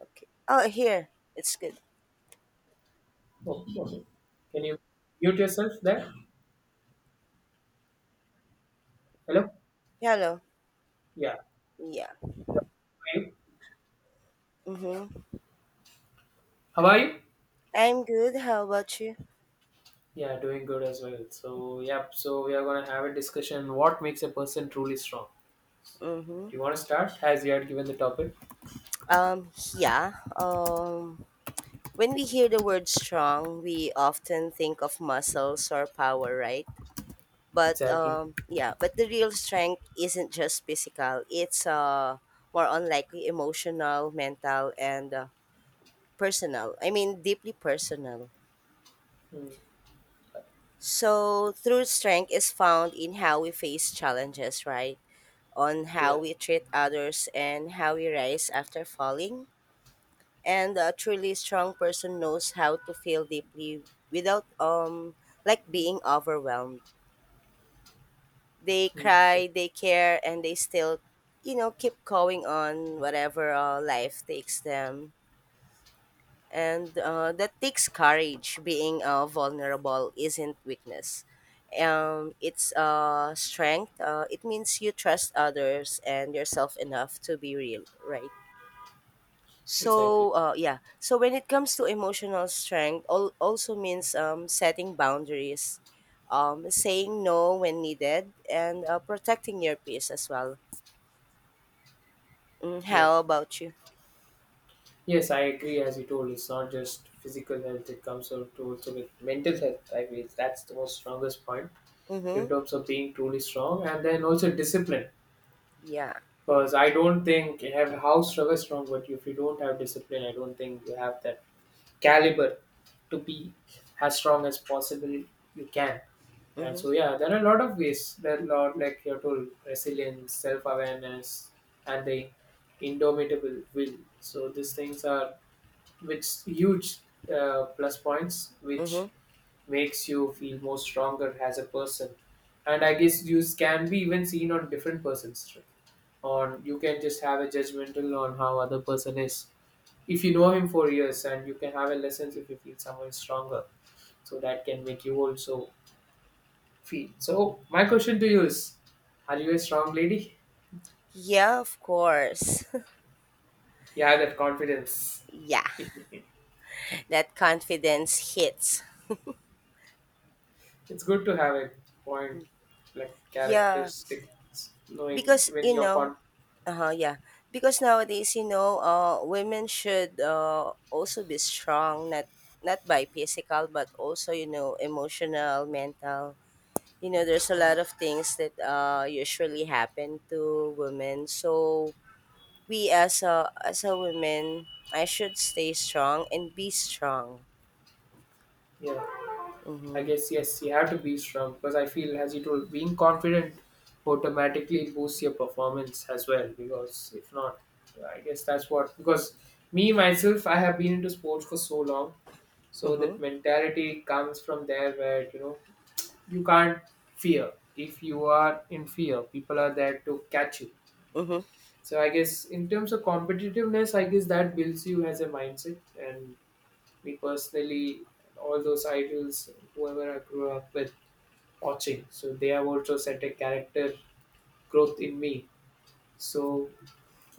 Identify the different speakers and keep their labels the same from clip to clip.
Speaker 1: Okay. Oh, here. It's good.
Speaker 2: Oh, okay. Can you mute yourself there? Hello?
Speaker 1: Hello.
Speaker 2: Yeah.
Speaker 1: Yeah.
Speaker 2: Yeah. How are you?
Speaker 1: Mm-hmm.
Speaker 2: How are you?
Speaker 1: I'm good. How about you?
Speaker 2: Yeah, doing good as well. So, yep. So, we are going to have a discussion what makes a person truly strong.
Speaker 1: Mm-hmm.
Speaker 2: Do you want to start as you had given the topic?
Speaker 1: Um, yeah. Um, when we hear the word strong, we often think of muscles or power, right? But
Speaker 2: Exactly.
Speaker 1: um, yeah, but the real strength isn't just physical. It's more on likely emotional, mental, and personal. I mean, deeply personal.
Speaker 2: Mm,
Speaker 1: So, true strength is found in how we face challenges, right? On how
Speaker 2: yeah.
Speaker 1: we treat others and how we rise after falling. And a truly strong person knows how to feel deeply without like being overwhelmed. They
Speaker 2: Mm,
Speaker 1: cry, they care, and they still, keep going on whatever life takes them. And that takes courage. Being vulnerable isn't weakness, it's strength. It means you trust others and yourself enough to be real, right?
Speaker 2: exactly.
Speaker 1: So, yeah. So when it comes to emotional strength, also means setting boundaries, saying no when needed, and protecting your peace as well.
Speaker 2: Yeah.
Speaker 1: How about you?
Speaker 2: Yes, I agree. As you told, it's not just physical health, it comes out to also with mental health. I mean, that's the most strongest point in
Speaker 1: Mm-hmm.
Speaker 2: terms of being truly strong, and then also discipline.
Speaker 1: Yeah.
Speaker 2: Because I don't think you have how strong is strong, but if you don't have discipline, I don't think you have that caliber to be as strong as possible you can. And
Speaker 1: Mm-hmm.
Speaker 2: so yeah, there are a lot of ways. There are a lot, like you told, resilience, self awareness, and the indomitable will. So these things are which huge plus points,
Speaker 1: Mm-hmm.
Speaker 2: which makes you feel more stronger as a person. And I guess you can be even seen on different persons, on you can just have a judgmental on how other person is, if you know him for years, and you can have a lessons if you feel someone is stronger, so that can make you also feel. So my question to you is, are you a strong lady,
Speaker 1: Yeah, of course.
Speaker 2: you have that confidence?
Speaker 1: Yeah, that confidence hits.
Speaker 2: It's good to have a point, like
Speaker 1: Yeah,
Speaker 2: characteristics, knowing
Speaker 1: because
Speaker 2: when
Speaker 1: you
Speaker 2: you're
Speaker 1: know,
Speaker 2: con.
Speaker 1: uh-huh, yeah. Because nowadays, you know, women should also be strong, not not by physical, but also, you know, emotional, mental. You know, there's a lot of things that usually happen to women. So we as a women, I should stay strong and be strong.
Speaker 2: Yeah, I
Speaker 1: Mm-hmm.
Speaker 2: guess yes, you have to be strong, because I feel, as you told, being confident automatically boosts your performance as well. Because if not, I guess that's what. Because me myself, I have been into sports for so long, so
Speaker 1: Mm-hmm.
Speaker 2: that mentality comes from there where you know you can't fear. If you are in fear, people are there to catch you.
Speaker 1: Mm-hmm.
Speaker 2: So I guess in terms of competitiveness, I guess that builds you as a mindset. And me personally, all those idols, whoever I grew up with watching. So they have also set a character growth in me. So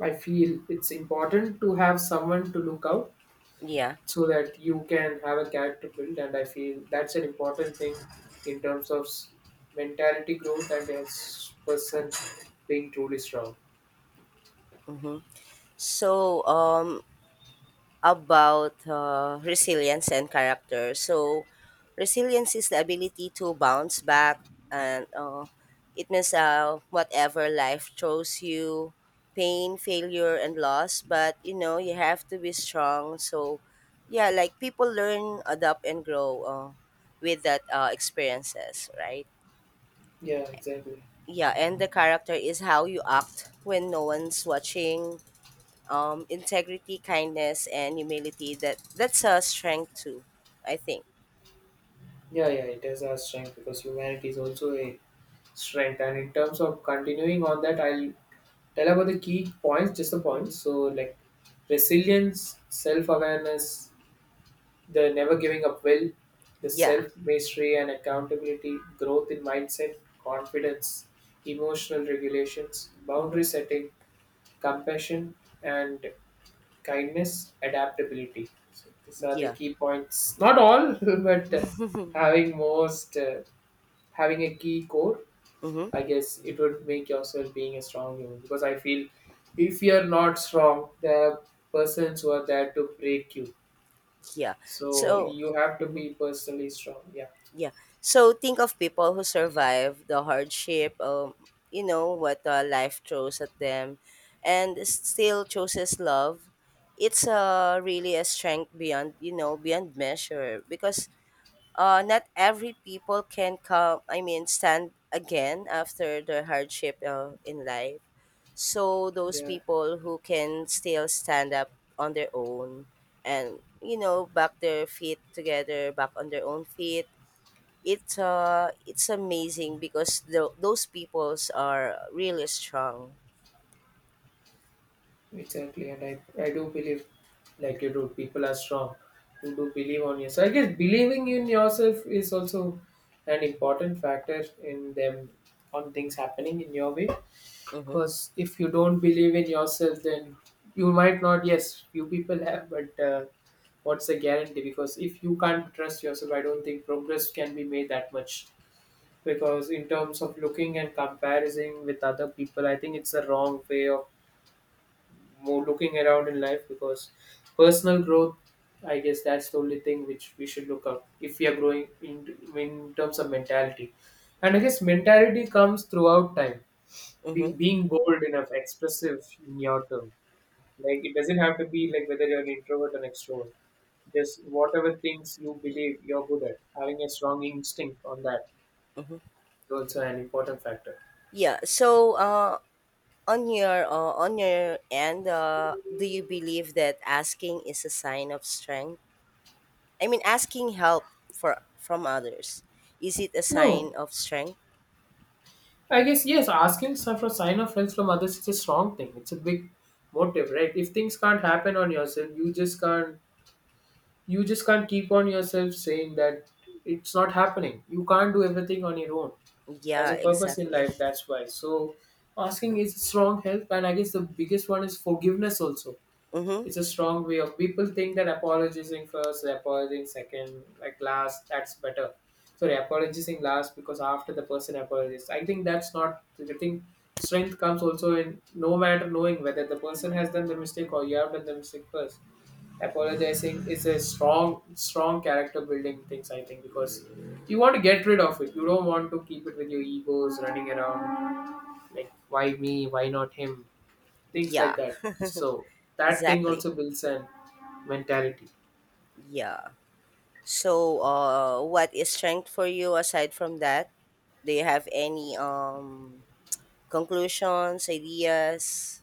Speaker 2: I feel it's important to have someone to look out,
Speaker 1: Yeah.
Speaker 2: so that you can have a character build. And I feel that's an important thing in terms of mentality growth and as person being truly strong.
Speaker 1: Mm-hmm. So um, about resilience and character. So, resilience is the ability to bounce back, and it means whatever life throws you, pain, failure, and loss. But you know, you have to be strong. So, yeah, like people learn, adapt, and grow with that experiences, right?
Speaker 2: Yeah, exactly.
Speaker 1: Yeah, and the character is how you act when no one's watching, integrity, kindness, and humility. That's a strength too, I think.
Speaker 2: Yeah, yeah, it is our strength because humanity is also a strength. And in terms of continuing on that, I'll tell about the key points, just the points.
Speaker 1: Hmm.
Speaker 2: So like resilience, self-awareness, the never giving up will, the
Speaker 1: Yeah.
Speaker 2: self-mastery and accountability, growth in mindset, confidence, emotional regulations,
Speaker 1: Hmm.
Speaker 2: boundary setting, compassion and kindness, adaptability. So these are the
Speaker 1: Yeah.
Speaker 2: key points. Not all, but having most, having a key core, I
Speaker 1: Hmm.
Speaker 2: guess it would make yourself being a strong human because I feel if you're not strong, there are persons who are there to break you.
Speaker 1: Yeah.
Speaker 2: So
Speaker 1: So,
Speaker 2: you have to
Speaker 1: mhm,
Speaker 2: be personally strong. Yeah,
Speaker 1: yeah. So think of people who survive the hardship. You know what life throws at them, and still chooses love. It's really a strength beyond, you know, beyond measure because not every people can come, I mean, stand again after the hardship in life. So those
Speaker 2: yeah,
Speaker 1: people who can still stand up on their own, and you know, back their feet together, back on their own feet, it's it's amazing because those peoples are really strong.
Speaker 2: exactly. And I do believe, like you do, people are strong who do believe on yourself. I guess believing in yourself is also an important factor in them on things happening in your way.
Speaker 1: Mm-hmm.
Speaker 2: Because if you don't believe in yourself, then you might not. Yes, few people have, but. What's the guarantee, because if you can't trust yourself, I don't think progress can be made that much, because in terms of looking and comparison with other people, I think it's a wrong way of more looking around in life, because personal growth, I guess that's the only thing which we should look up if we are growing in terms of mentality. And I guess mentality comes throughout time,
Speaker 1: Mm-hmm.
Speaker 2: being bold enough expressive in your term, like it doesn't have to be like whether you're an introvert or an extrovert. Just whatever things you believe you're good at, having a strong instinct on that
Speaker 1: Mm-hmm.
Speaker 2: is also an important factor.
Speaker 1: Yeah, on your on your end, do you believe that asking is a sign of strength? I mean, asking help for from others, is it a
Speaker 2: No,
Speaker 1: sign of strength?
Speaker 2: I guess yes. Asking for sign of help from others is a strong thing. It's a big motive, right? If things can't happen on yourself, you just can't. You just can't keep on yourself saying that it's not happening. You can't do everything on your own. There's
Speaker 1: Yeah,
Speaker 2: a purpose in
Speaker 1: exactly.
Speaker 2: life. That's why. So asking is strong help, and I guess the biggest one is forgiveness also.
Speaker 1: Mm-hmm.
Speaker 2: It's a strong way of people think that apologizing first, apologizing second, like last, that's better. Sorry, apologizing last, because after the person apologizes. I think that's not, I think strength comes also in no matter knowing whether the person has done the mistake or you have done the mistake first. Apologizing is a strong character building things, I think, because you want to get rid of it. You don't want to keep it with your egos running around, like why me, why not him? Things like
Speaker 1: Yeah,
Speaker 2: that. So that thing
Speaker 1: exactly.
Speaker 2: also builds an mentality.
Speaker 1: Yeah. So, what is strength for you aside from that? Do you have any conclusions, ideas?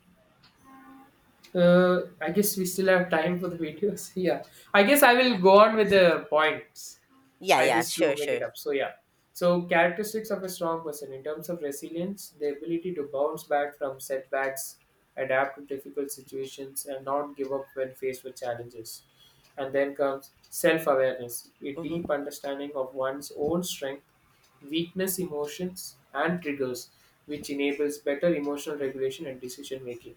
Speaker 2: I guess we still have time for the videos. Yeah, I guess I will
Speaker 1: Yeah.
Speaker 2: go on with the points.
Speaker 1: Yeah.
Speaker 2: I
Speaker 1: Yeah.
Speaker 2: just do
Speaker 1: Sure.
Speaker 2: make
Speaker 1: Sure.
Speaker 2: it up. So yeah. So characteristics of a strong person in terms of resilience, the ability to bounce back from setbacks, adapt to difficult situations, and not give up when faced with challenges. And then comes self-awareness, a
Speaker 1: Mm-hmm.
Speaker 2: deep understanding of one's own strength, weakness, emotions, and triggers, which enables better emotional regulation and decision making.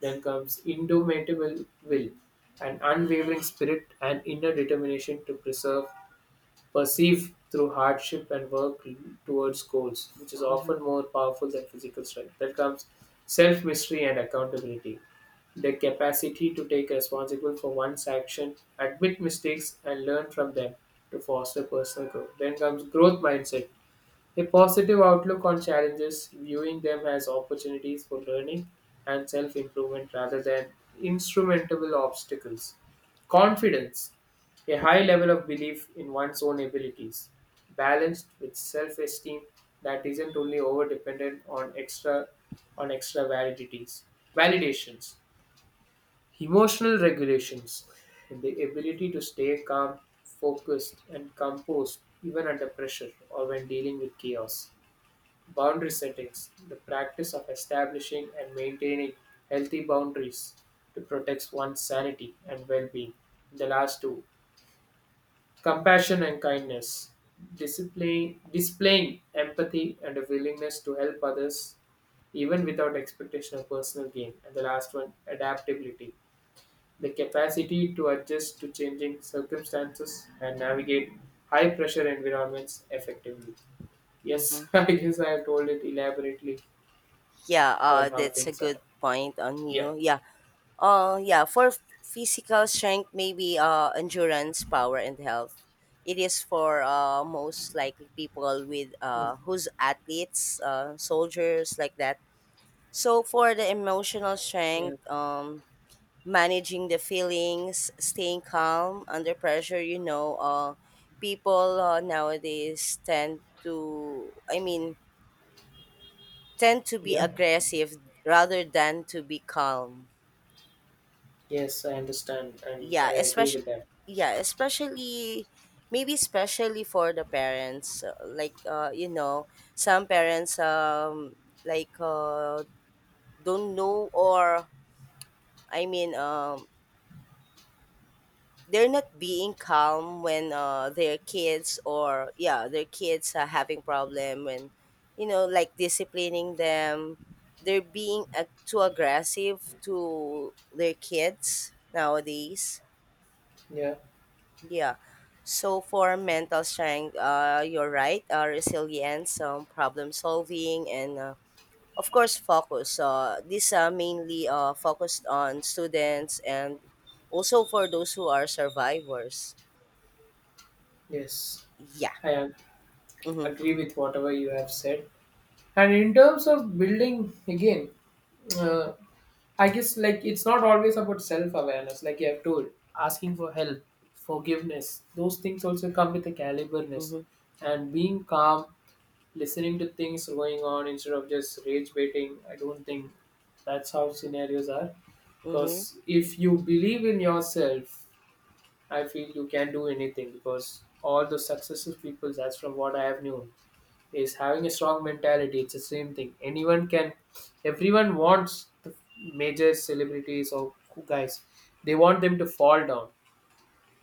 Speaker 2: Then comes indomitable will, an unwavering spirit and inner determination to preserve. Perceive through hardship and work towards goals, which is
Speaker 1: Mm-hmm.
Speaker 2: often more powerful than physical strength. That comes self mystery and accountability. The capacity to take responsibility for one's action, admit mistakes, and learn from them to foster personal growth. Then comes growth mindset, a positive outlook on challenges, viewing them as opportunities for learning and self improvement rather than insurmountable obstacles. Confidence, a high level of belief in one's own abilities, balanced with self esteem that isn't only over dependent on extra validities. Validations. Emotional regulations. The ability to stay calm, focused, and composed even under pressure or when dealing with chaos. Boundary settings, the practice of establishing and maintaining healthy boundaries to protect one's sanity and well being. The last two, compassion and kindness, displaying empathy and a willingness to help others even without expectation of personal gain. And the last one, adaptability, the capacity to adjust to changing circumstances and navigate high pressure environments effectively.
Speaker 1: Mm-hmm.
Speaker 2: Yes, I guess I have told it elaborately
Speaker 1: Yeah.
Speaker 2: on how
Speaker 1: That's a
Speaker 2: things are.
Speaker 1: good point on
Speaker 2: Yeah.
Speaker 1: you. Yeah. Yeah, for physical strength, maybe endurance, power, and health. It is for most likely people with
Speaker 2: Hmm.
Speaker 1: who's athletes, soldiers like that. So for the emotional
Speaker 2: Yeah.
Speaker 1: strength, managing the feelings, staying calm under pressure. You know, people nowadays tend to, I mean, tend to be
Speaker 2: Yeah.
Speaker 1: aggressive rather than to be calm.
Speaker 2: Yes, I understand, and
Speaker 1: yeah
Speaker 2: I agree
Speaker 1: especially
Speaker 2: with that.
Speaker 1: yeah especially maybe especially for the parents, like you know, some parents, like uh don't know, or I mean, they're not being calm when their kids, or yeah, their kids are having problem. When you know, like disciplining them, they're being too aggressive to their kids nowadays.
Speaker 2: Yeah.
Speaker 1: Yeah. So for mental strength, you're right. Resilience, problem solving, and of course focus. These are mainly focused on students and also for those who are survivors.
Speaker 2: Yes,
Speaker 1: Yeah.
Speaker 2: I am-
Speaker 1: Mm-hmm.
Speaker 2: agree with whatever you have said. And in terms of building, again, uh, I guess like it's not always about self-awareness, like you have told, asking for help, forgiveness. Those things also come with a caliberness,
Speaker 1: Mm-hmm.
Speaker 2: and being calm, listening to things going on instead of just rage baiting. I don't think that's how scenarios are,
Speaker 1: Mm-hmm.
Speaker 2: because if you believe in yourself, I feel you can do anything, because all the successful people, that's from what I have known, is having a strong mentality. It's the same thing, anyone can, everyone wants the major celebrities or guys, they want them to fall down,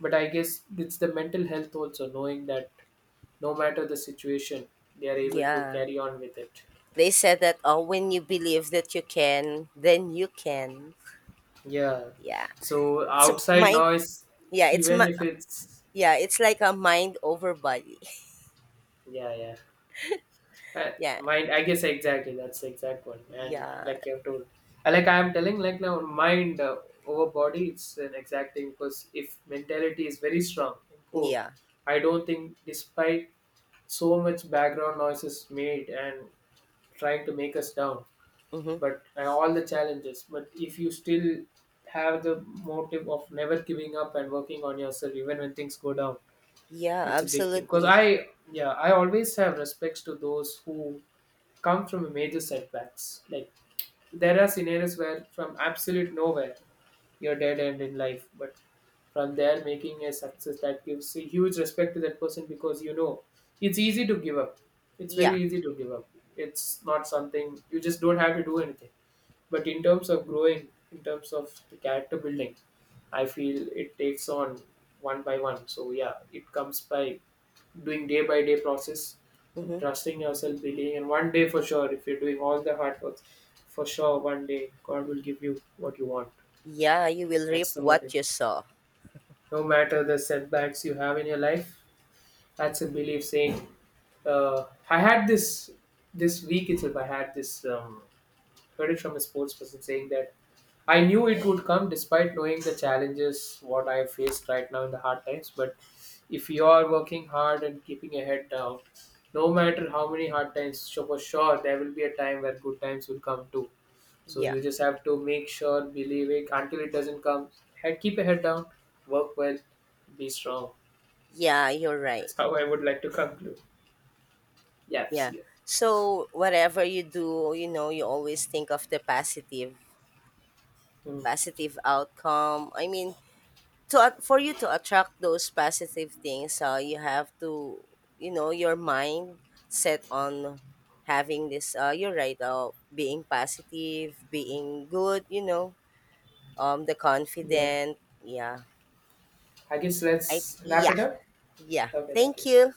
Speaker 2: but I guess it's the mental health also, knowing that no matter the situation, they are able to
Speaker 1: Yeah.
Speaker 2: carry on with it.
Speaker 1: They said that when you believe that you can, then you can.
Speaker 2: Yeah.
Speaker 1: Yeah.
Speaker 2: So
Speaker 1: It's a
Speaker 2: outside
Speaker 1: mind.
Speaker 2: noise,
Speaker 1: Yeah. It's
Speaker 2: even
Speaker 1: my.
Speaker 2: if it's,
Speaker 1: Yeah. It's like a mind over body.
Speaker 2: yeah, yeah, I,
Speaker 1: Yeah.
Speaker 2: mind, I guess exactly that's the exact one, and
Speaker 1: Yeah.
Speaker 2: like you have told, like I am telling like now mind over body, it's an exact thing, because if mentality is very strong and cool,
Speaker 1: Yeah.
Speaker 2: I don't think despite so much background noises made and trying to make us down,
Speaker 1: Mm-hmm.
Speaker 2: but all the challenges, but if you still have the motive of never giving up and working on yourself even when things go down,
Speaker 1: Yeah,
Speaker 2: it's a big thing, because
Speaker 1: absolutely.
Speaker 2: I, yeah, I always have respects to those who come from major setbacks. Like there are scenarios where from absolute nowhere you're dead end in life, but from there making a success, that gives a huge respect to that person, because you know it's easy to give up. It's
Speaker 1: Yeah.
Speaker 2: very easy to give up. It's not something you just don't have to do anything. But in terms of growing, in terms of the character building, I feel it takes on one by one. So yeah, it comes by doing day by day process and
Speaker 1: Hmm.
Speaker 2: trusting yourself, believing. And one day for sure, if you're doing all the hard work, for sure one day God will give you what you want.
Speaker 1: Yeah, you will reap
Speaker 2: That's the
Speaker 1: what
Speaker 2: motive.
Speaker 1: you sow.
Speaker 2: No matter the setbacks you have in your life, that's a belief saying. I had this this week itself. I had this heard it from a sports person saying that I knew it would come despite knowing the challenges what I faced right now in the hard times, but if you are working hard and keeping your head down, no matter how many hard times, so for sure there will be a time where good times will come too. So
Speaker 1: Yeah.
Speaker 2: you just have to make sure, believe it until it doesn't come. Head, keep your head down, work well, be strong.
Speaker 1: Yeah, you're right.
Speaker 2: That's how I would like to conclude. Yes,
Speaker 1: Yeah.
Speaker 2: yeah.
Speaker 1: So whatever you do, you know, you always think of the positive,
Speaker 2: Hmm.
Speaker 1: positive outcome. I mean, to for you to attract those positive things, you have to, you know, your mind set on having this, you're right, being positive, being good, you know, the
Speaker 2: Yeah.
Speaker 1: confident. Yeah.
Speaker 2: I guess
Speaker 1: I
Speaker 2: let's wrap
Speaker 1: yeah.
Speaker 2: it up.
Speaker 1: Yeah.
Speaker 2: Okay, thank
Speaker 1: Thank
Speaker 2: you.
Speaker 1: you.